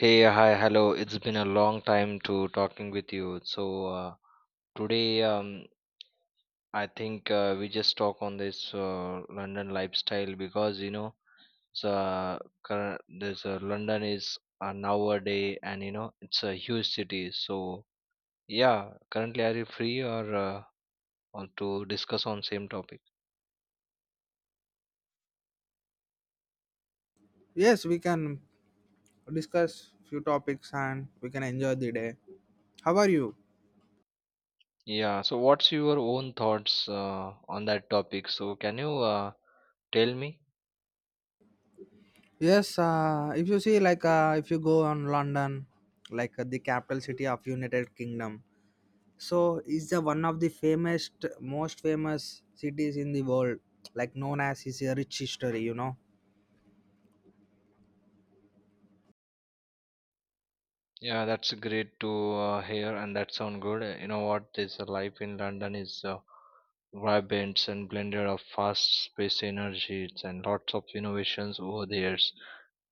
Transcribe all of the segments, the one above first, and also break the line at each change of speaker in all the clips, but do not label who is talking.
Hey, hi, hello. It's been a long time to talking with you. Today, I think we just talk on this London lifestyle because you know, this London is nowadays, and you know, it's a huge city. So yeah, currently, are you free or on to discuss on same topic?
Yes, we can discuss few topics and we can enjoy the day. How are you?
Yeah. So what's your own thoughts on that topic? So can you tell me?
Yes, if you see like if you go on London, like the capital city of United Kingdom, so is the one of the famous, most famous cities in the world, like known as is a rich history.
Yeah, that's great to hear, and that sound good. You know what? This life in London is vibrant and blended of fast paced energies and lots of innovations over the years.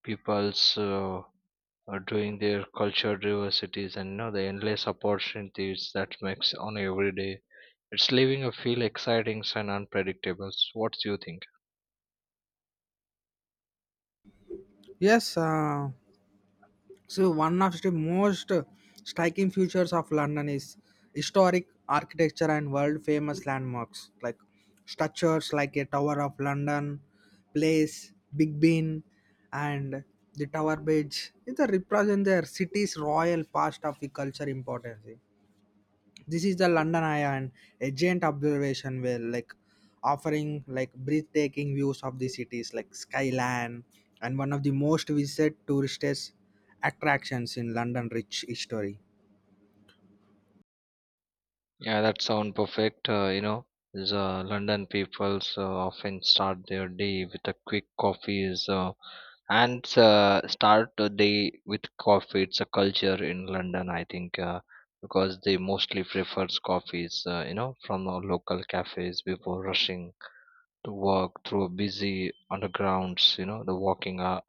People's are doing their culture diversities and you know the endless opportunities that makes on every day. It's leaving a feel exciting and unpredictable. So what do you think?
Yes, so one of the most striking features of London is historic architecture and world famous landmarks like structures like a Tower of London, Place, Big Ben, and the Tower Bridge. It represents their city's royal past of the culture importance. This is the London Eye and a giant observation where like offering like breathtaking views of the cities like skyline and one of the most visited tourist attractions in London rich history.
Yeah, that sound perfect. You know, the London peoples often start their day with a quick coffee is, and start the day with coffee. It's a culture in London, I think, because they mostly prefers coffees, you know, from the local cafes before rushing to work through busy undergrounds, you know, the walking hour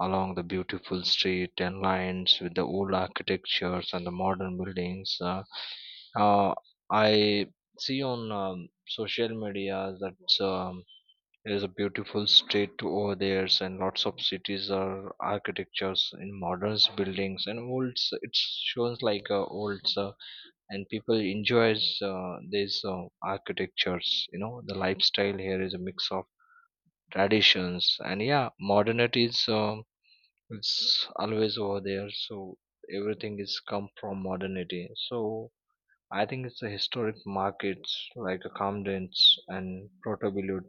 along the beautiful street and lines with the old architectures and the modern buildings. Uh, I see on social media that there is a beautiful street over there, and lots of cities are architectures in modern buildings and old. It shows like old, and people enjoys these architectures. You know, the lifestyle here is a mix of traditions and yeah, modernity is. It's always over there, so everything is come from modernity, so I think it's the historic markets like a Camden's and protobilute.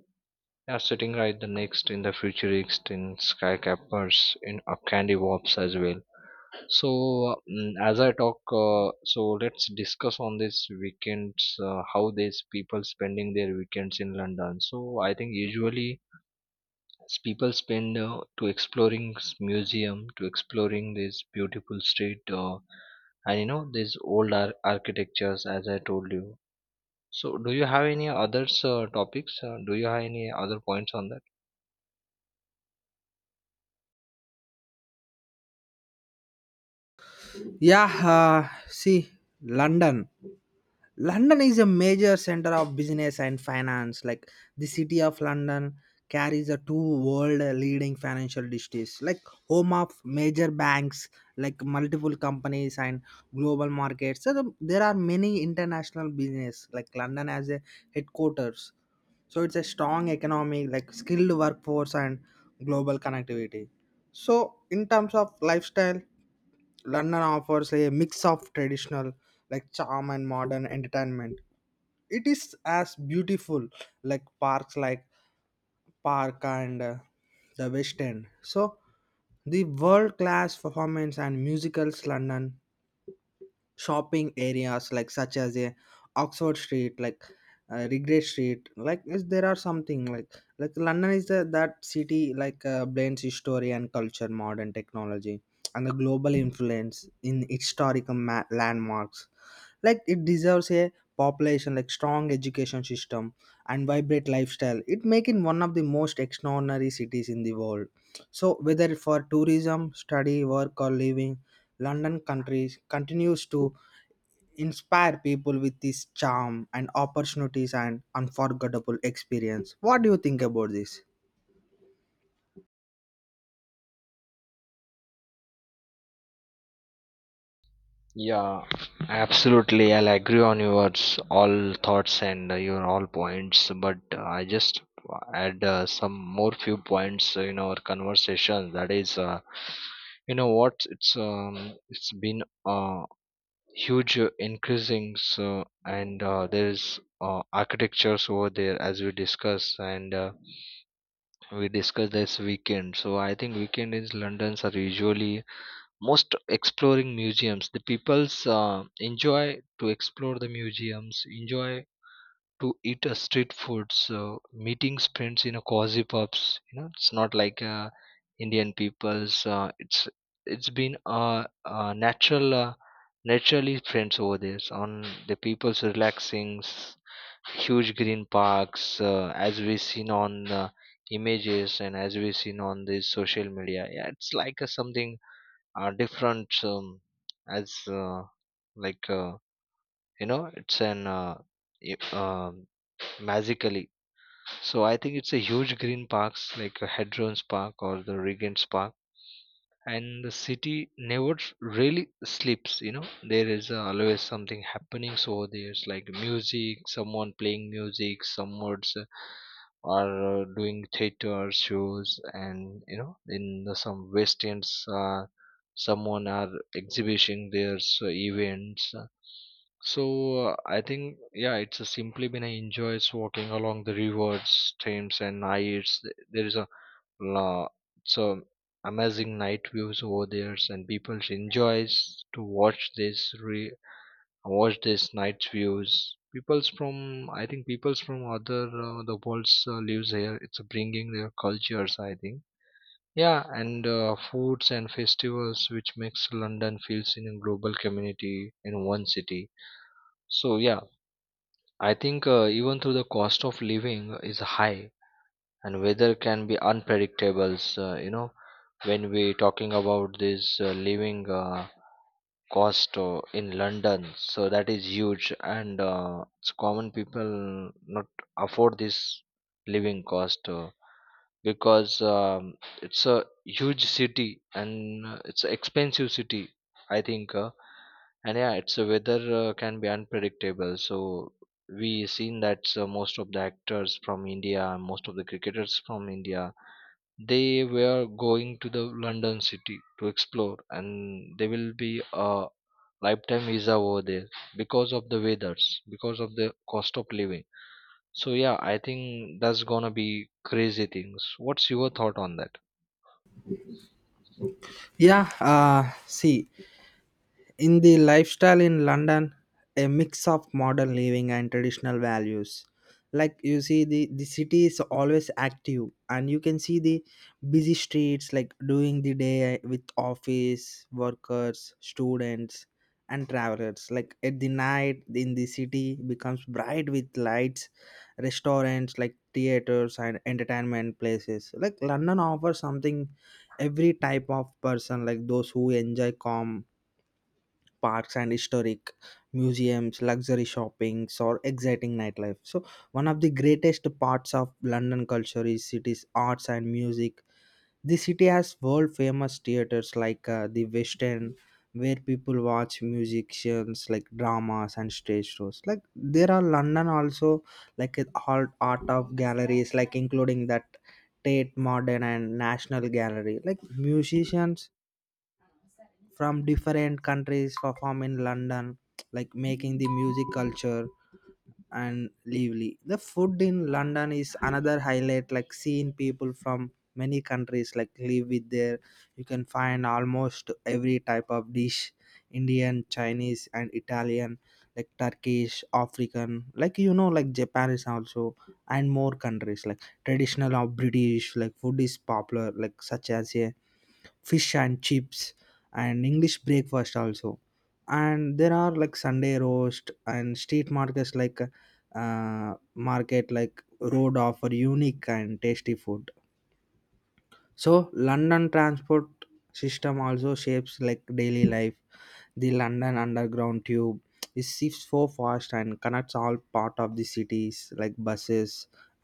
They are sitting right the next in the futurist in skyscrapers in candy warps as well. So as I talk, so let's discuss on this weekends, how these people spending their weekends in London. So I think usually people spend to exploring museum, to exploring this beautiful street, and you know these old architectures as I told you. So do you have any others topics, do you have any other points on that?
Yeah, see London. London is a major center of business and finance. Like the city of London carries a two world leading financial districts, like home of major banks, like multiple companies and global markets. So there are many international business like London as a headquarters. So it's a strong economy, like skilled workforce and global connectivity. So in terms of lifestyle, London offers a mix of traditional, like charm and modern entertainment. It is as beautiful like parks like Park and the West End. So the world class performance and musicals London shopping areas like such as a Oxford Street like Regret Street like is there are something like London is the, that city like blends history and culture modern technology and the global influence in historical landmarks like it deserves a population like strong education system and vibrant lifestyle it making one of the most extraordinary cities in the world, so whether for tourism study work or living London countries continues to inspire people with this charm and opportunities and unforgettable experience. What do you think about this?
Yeah, absolutely, I'll agree on your all thoughts and your all points, but I just add some more few points in our conversation. That is, you know what, it's been uh, huge increasing. So and there's architectures over there as we discuss, and we discussed this weekend. So I think weekend is London's are usually most exploring museums. The people's enjoy to explore the museums, enjoy to eat a street food. So meeting friends in a cozy pubs, you know, it's not like Indian people's. It's been naturally friends over there. So, on the people's relaxing, huge green parks, as we seen on images and as we seen on the social media. Yeah, it's like something different, as like you know, it's i- um magically. So I think it's a huge green parks like a Hadron's Park or the Regent's Park, and the city never really sleeps. You know, there is always something happening. So there's like music, someone playing music, someone's are doing theater shows, and you know, in the some west ends, someone are exhibiting their events, so I think yeah, it's a simply been I enjoys walking along the rivers streams and nights. There is a lo- so amazing night views over there and people enjoys to watch this re watch this night views. People's from, I think people's from other the world's lives here. It's bringing their cultures, I think, yeah, and foods and festivals which makes London feels in a global community in one city. So yeah, I think even though the cost of living is high and weather can be unpredictable, you know, when we talking about this living cost in London, so that is huge, and it's common people not afford this living cost, because it's a huge city, and it's an expensive city, I think, and yeah, it's a weather can be unpredictable, so. We seen that most of the actors from India, most of the cricketers from India, they were going to the London city to explore, and they will be a lifetime visa over there because of the weathers, because of the cost of living. So yeah, I think that's gonna be crazy things. What's your thought on that?
Yeah, see, in the lifestyle in London, a mix of modern living and traditional values. Like you see, the city is always active, and you can see the busy streets like during the day with office workers, students, and travelers. Like at the night in the city becomes bright with lights, restaurants like theaters and entertainment places. Like London offers something every type of person, like those who enjoy calm parks and historic museums, luxury shoppings, or exciting nightlife. So, one of the greatest parts of London culture is its arts and music. The city has world famous theaters like the West End, where people watch musicians like dramas and stage shows. Like there are London also like a art of galleries, like including that Tate Modern and National Gallery. Like musicians from different countries perform in London like making the music culture and lively. The food in London is another highlight, like seeing people from many countries like live with there. You can find almost every type of dish Indian, Chinese, and Italian, like Turkish, African, like like Japanese also, and more countries like traditional or British, like food is popular, like such as a fish and chips and English breakfast also, and there are like Sunday roast and street markets like market like road offer unique and tasty food. So London transport system also shapes like daily life. The London Underground tube is shifts so fast and connects all part of the cities like buses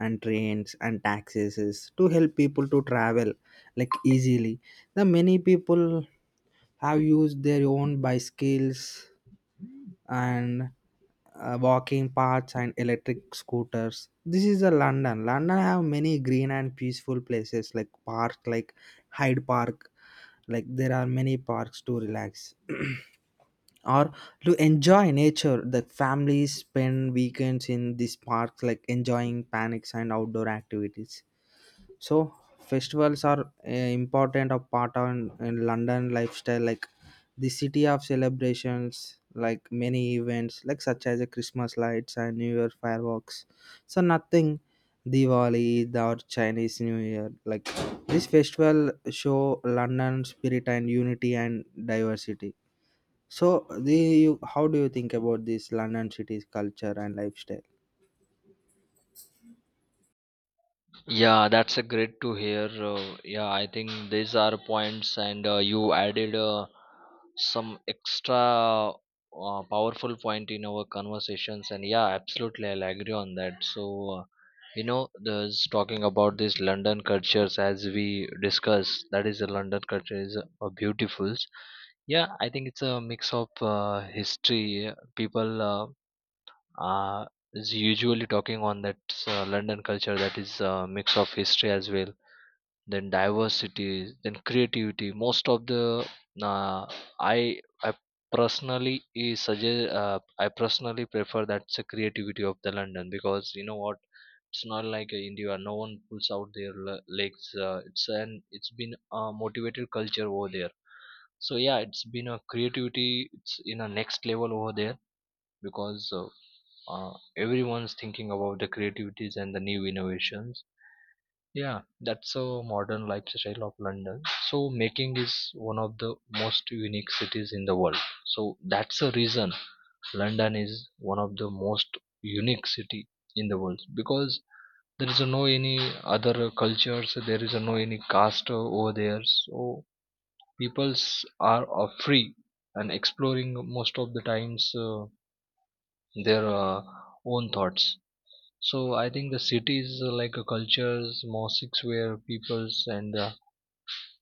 and trains and taxis to help people to travel like easily. The many people have used their own bicycles and walking paths and electric scooters. This is a London have many green and peaceful places like park like Hyde Park, like there are many parks to relax or to enjoy nature. The families spend weekends in these parks like enjoying panics and outdoor activities. So festivals are a important of part on in London lifestyle, like the city of celebrations, like many events, like such as a Christmas lights and New Year fireworks. So nothing Diwali or Chinese New Year. Like this festival show London spirit and unity and diversity. So the you, how do you think about this London city's culture and lifestyle?
Yeah, that's a great to hear. Yeah, I think these are points, and you added some extra powerful point in our conversations. And yeah, absolutely, I'll agree on that. So, you know, there's talking about these London cultures as we discussed. That is, the London culture is beautiful. Yeah, I think it's a mix of history. People. Uh, is usually talking on that London culture. That is a mix of history as well, then diversity, then creativity. Most of the uh, I personally is suggest, I personally prefer that's the creativity of the London. Because you know what, it's not like India, no one pulls out their legs. It's an it's been a motivated culture over there. So yeah, it's been a creativity, it's in a next level over there. Because everyone's thinking about the creativities and the new innovations. Yeah, that's a modern lifestyle of London. So making is one of the most unique cities in the world. So that's the reason London is one of the most unique city in the world, because there is no any other cultures. There is no any caste over there. So peoples are free and exploring most of the times. Their own thoughts. So I think the cities like a cultures, mosques where peoples and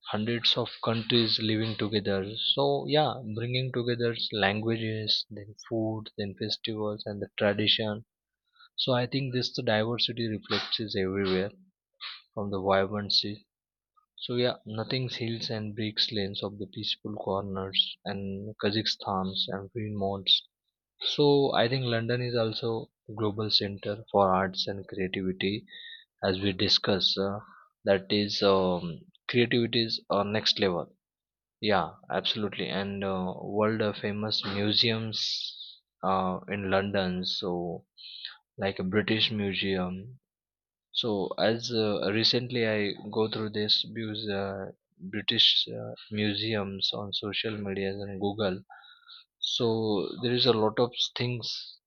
hundreds of countries living together. So yeah, bringing together languages, then food, then festivals and the tradition. So I think this the diversity reflects is everywhere from the vibrancy. So yeah, nothing's hills and breaks lanes of the peaceful corners and Kazakhstan's and green mountains. So I think London is also a global center for arts and creativity, as we discuss. That is creativity is next level. Yeah, absolutely. And world famous museums in London. So like a British Museum. So as recently I go through this, because British museums on social media and Google. So there is a lot of things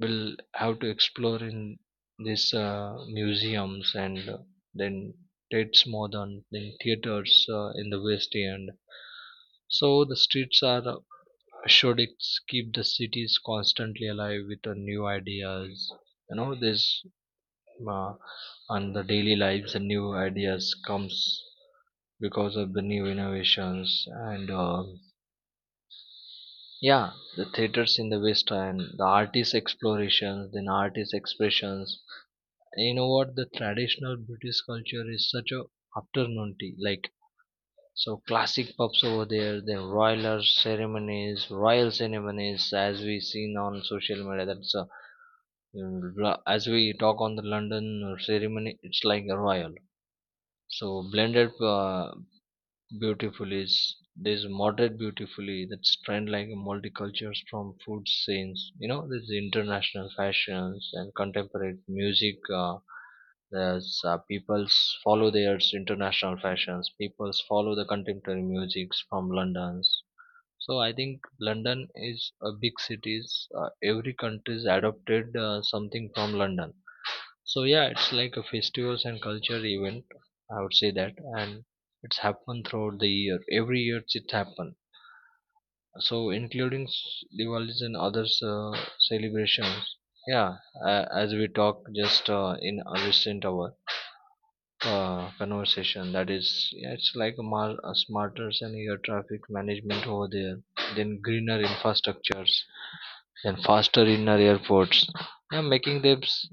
we'll have to explore in these museums and then Tate's Modern, then theaters in the West End. So the streets are should keep the cities constantly alive with new ideas. You know this, uh, and the daily lives and new ideas comes because of the new innovations, and yeah, the theaters in the West End, the artist explorations, then artist expressions. And you know what? The traditional British culture is such a afternoon tea. Like so, classic pubs over there. Then royal ceremonies, as we seen on social media. That's a, as we talk on the London ceremony. It's like a royal. So blended beautifully, is there's moderate beautifully, that's trend like multicultures from food scenes. You know, there's international fashions and contemporary music. There's people's follow their international fashions. People's follow the contemporary musics from London's. So I think London is a big cities. Every country's adopted something from London. So yeah, it's like a festivals and culture event, I would say that, and it's happened throughout the year. Every year it happen. So including Diwali's and others celebrations. Yeah, as we talk just in a recent hour conversation, that is yeah, it's like a, a smarter and air traffic management over there, then greener infrastructures, then faster inner airports. Yeah, making them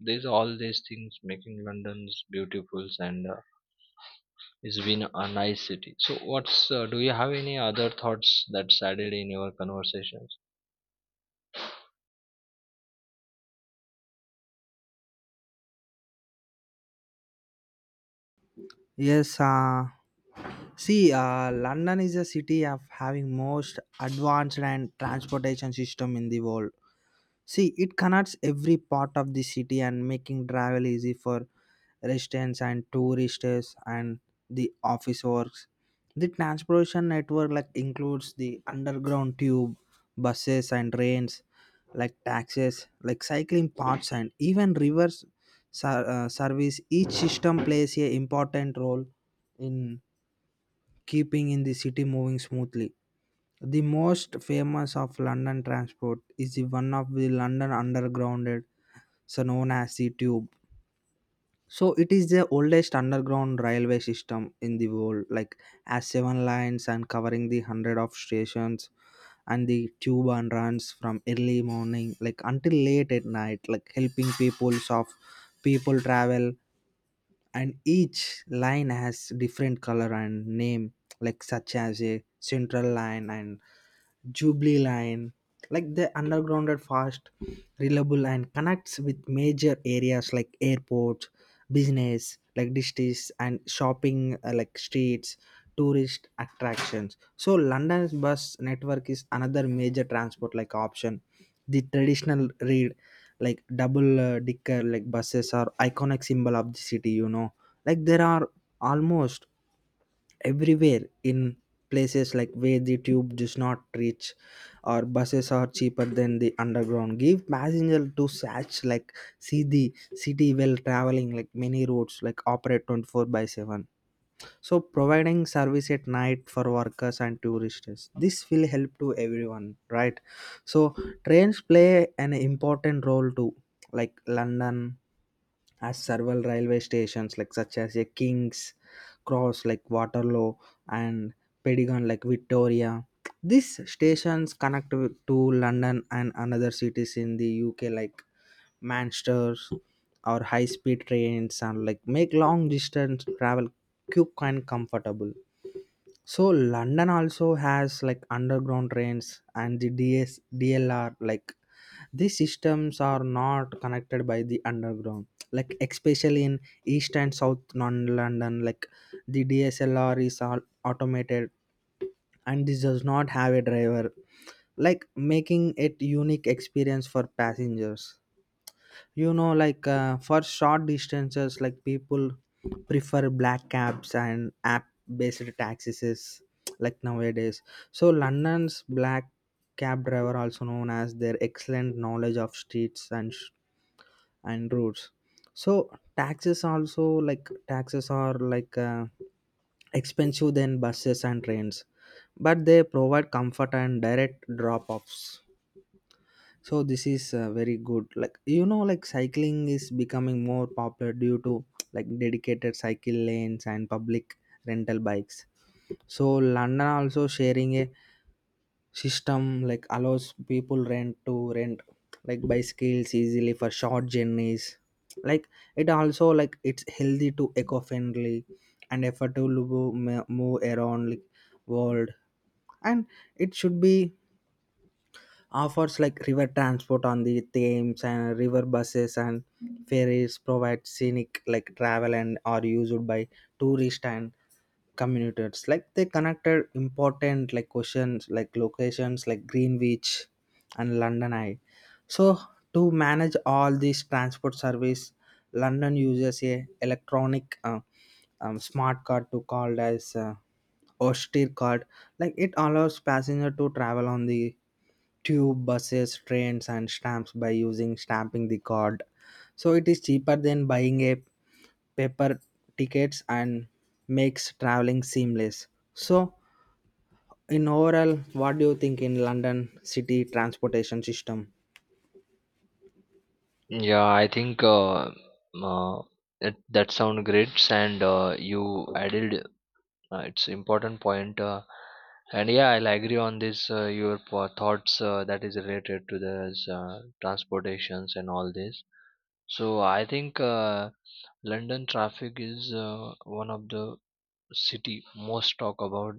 these all these things making London's beautiful, and it's been a nice city. So what's, do you have any other thoughts that's added in your conversations?
Yes, see, London is a city of having most advanced and transportation system in the world. See, it connects every part of the city and making travel easy for residents and tourists and the office works. The transportation network like includes the underground tube, buses and trains, like taxis, like cycling paths and even rivers service. Each system plays a important role in keeping in the city moving smoothly. The most famous of London transport is the one of the London Underground, so known as the Tube. So it is the oldest underground railway system in the world, like has seven lines and covering the hundred of stations and the tube and runs from early morning like until late at night like helping people travel, and each line has different color and name like such as a Central line and Jubilee line. Like the underground are fast reliable and connects with major areas like airports business like districts and shopping like streets tourist attractions. So London's bus network is another major transport like option. The traditional rail like double decker like buses are iconic symbol of the city, like there are almost everywhere in places like where the tube does not reach, or buses are cheaper than the underground give passenger to such like see the city while traveling. Like many roads like operate 24/7, so providing service at night for workers and tourists. This will help to everyone, right? So trains play an important role too, like London has several railway stations like such as a King's Cross like Waterloo and Pedigon like Victoria. These stations connect to London and another cities in the UK like Manchester or high speed trains and like make long distance travel quick and comfortable. So London also has like underground trains and the DS DLR, like these systems are not connected by the underground, like especially in east and south non London, like the DSLR is all automated and this does not have a driver, like making it unique experience for passengers, like for short distances like people prefer black cabs and app based taxis like nowadays. So London's black cab driver also known as their excellent knowledge of streets and and routes. So taxis also like taxes are like expensive than buses and trains, but they provide comfort and direct drop offs. So this is very good, like like cycling is becoming more popular due to like dedicated cycle lanes and public rental bikes. So London also sharing a system like allows people rent to rent like bicycles easily for short journeys, like it also like it's healthy to eco-friendly and affordable to move around like world, and it should be offers like river transport on the Thames and river buses and ferries provide scenic like travel and are used by tourists and communities, like they connected important like questions like locations like Greenwich and London Eye. So to manage all these transport service, London uses a electronic smart card to called as austere card. Like it allows passenger to travel on the tube buses trains and stamps by using stamping the card. So it is cheaper than buying a paper tickets and makes traveling seamless. So, in overall, what do you think in London city transportation system?
Yeah, I think uh, that sound great, and you added it's important point, and yeah, I'll agree on this. Your thoughts that is related to this transportations and all this. So I think London traffic is one of the city most talk about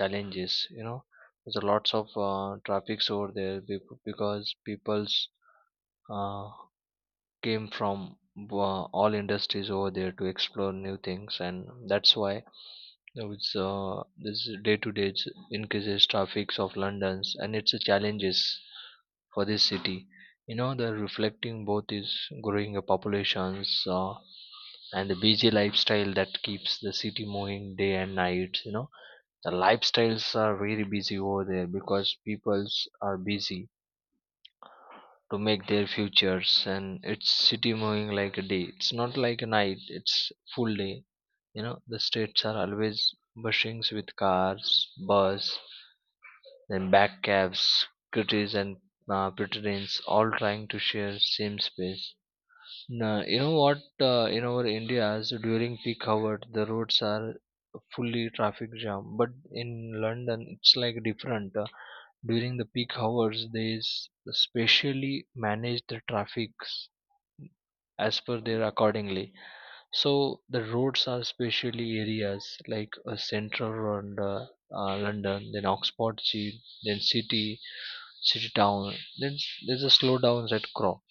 challenges. You know, there's a lots of traffics over there because people's uh, came from all industries over there to explore new things, and that's why there was this day to day increases traffics of london's and its a challenges for this city. You know, the reflecting both is growing populations and the busy lifestyle that keeps the city moving day and night. You know, the lifestyles are very busy over there because peoples are busy to make their futures, and it's city moving like a day, it's not like a night, it's full day. You know, the streets are always bushing with cars, bus, then back cabs, scooters and pedestrians, all trying to share same space. Now, you know what, in our india's during peak hour the roads are fully traffic jam, but in london it's like different. During the peak hours they specially manage the traffic as per their accordingly. So the roads are especially areas like central and London, then Oxford, Cheap, then city, city town. Then there's a slowdowns at Crow,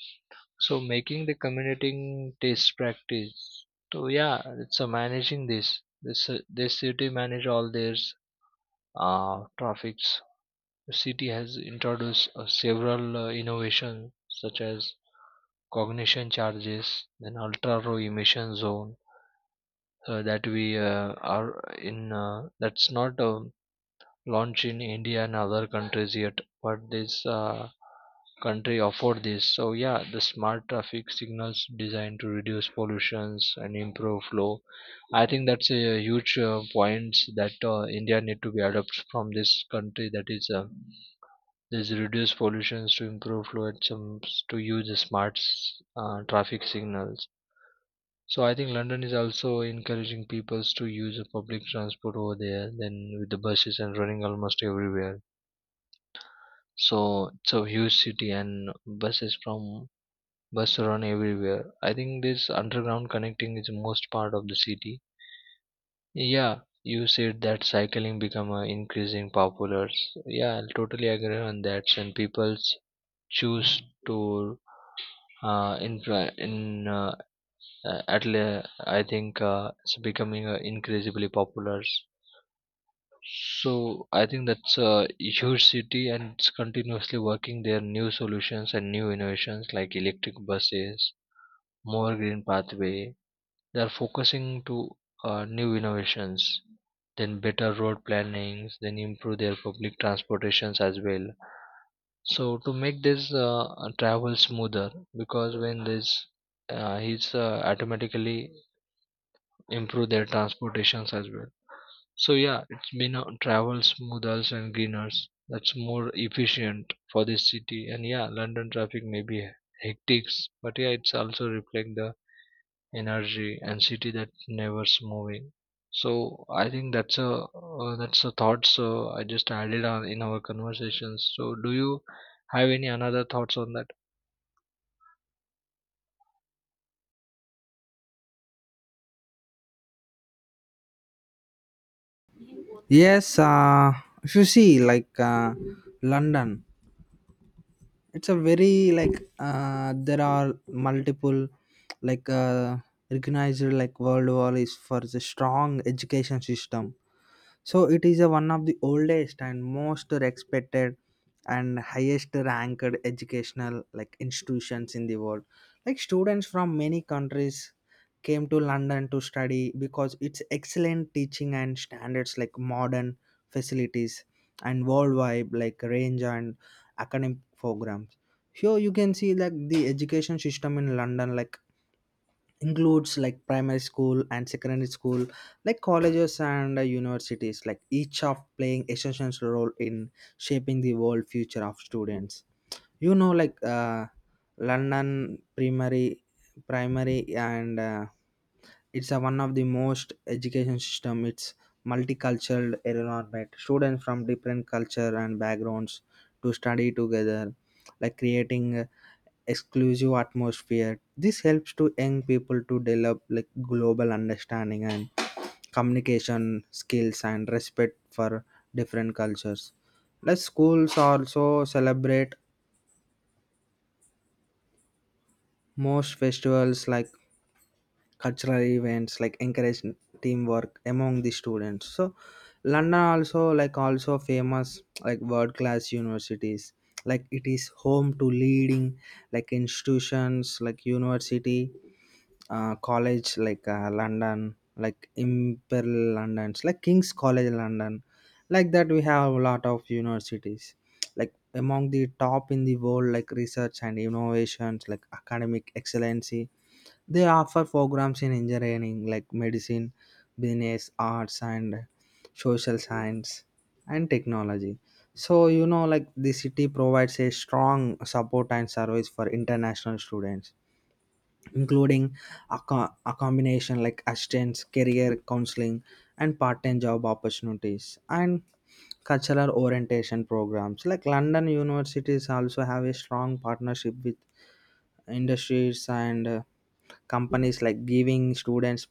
so making the commuting test practice. So yeah, it's a managing this. This city manage all their traffics. The city has introduced several innovations such as cognition charges and ultra low emission zone, that we are in that's not launched in India and other countries yet, but this country afford this. So yeah, the smart traffic signals designed to reduce pollutions and improve flow. I think that's a huge point that india need to be adopted from this country, that is there's reduces pollution to improve fluid jumps to use the smart traffic signals. So I think London is also encouraging people to use the public transport over there, then with the buses and running almost everywhere. So it's a huge city and buses from bus run everywhere. I think this underground connecting is the most part of the city. Yeah, you said that cycling become increasing popular. Yeah, I totally agree on that, and people's choose to in fra- in at I think it's becoming increasingly popular. So I think that's a huge city, and it's continuously working their new solutions and new innovations like electric buses, more green pathway. They are focusing to new innovations, then better road plannings, then improve their public transportations as well. So to make this travel smoother, because when this he's automatically improve their transportations as well. So yeah, it's been travel smoothers and greeners. That's more efficient for this city. And yeah, London traffic may be hectic, but yeah, it's also reflect the energy and city that never's moving. So I think that's a thought. So I just added on in our conversations. So do you have any another thoughts on that?
Yes, if you see like London, it's a very like there are multiple like recognized like World War is for the strong education system. So it is a one of the oldest and most respected and highest ranked educational like institutions in the world. Like students from many countries came to London to study because its excellent teaching and standards like modern facilities and worldwide like range and academic programs. Here you can see like the education system in London like includes like primary school and secondary school like colleges and universities like each of playing essential role in shaping the world future of students, like London primary and it's a one of the most education system. It's multicultural environment students from different culture and backgrounds to study together like creating exclusive atmosphere. This helps to young people to develop like global understanding and communication skills and respect for different cultures. Like schools also celebrate most festivals like cultural events like encourage teamwork among the students. So London also like also famous like world class universities like it is home to leading like institutions like university college like London, like Imperial London, like King's College London. Like that, we have a lot of universities. Like among the top in the world, like research and innovations, like academic excellency. They offer programs in engineering, like medicine, business, arts, and social science and technology. So like the city provides a strong support and service for international students including a combination like assistance, career counseling, and part-time job opportunities, and cultural orientation programs. Like London universities also have a strong partnership with industries and companies, like giving students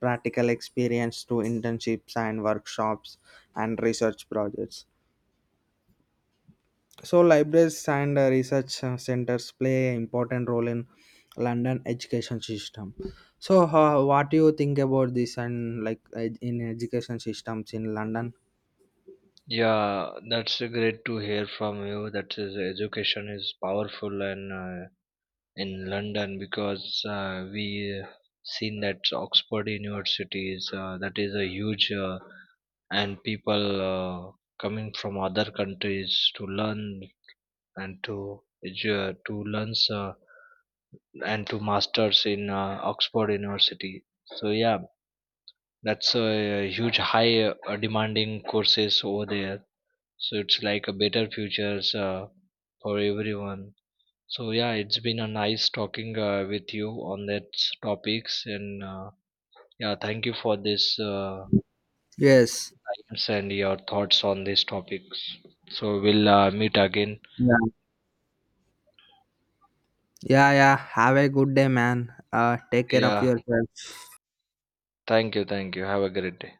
practical experience through internships and workshops and research projects. So, libraries and research centers play an important role in London education system. So, what do you think about this and like in education systems in London?
Yeah, that's great to hear from you. That is, education is powerful and in London because we seen that Oxford University is that is a huge and people coming from other countries to learn and to to learn and to masters in Oxford University. So yeah, that's a huge high demanding courses over there, so it's like a better futures for everyone. So yeah, it's been a nice talking with you on that topics and yeah, thank you for this
Yes.
times and your thoughts on these topics. So we'll meet again.
Yeah. Yeah. Yeah. Have a good day, man. Take care of
Yeah,
yourself.
thank you, thank you, have a great day.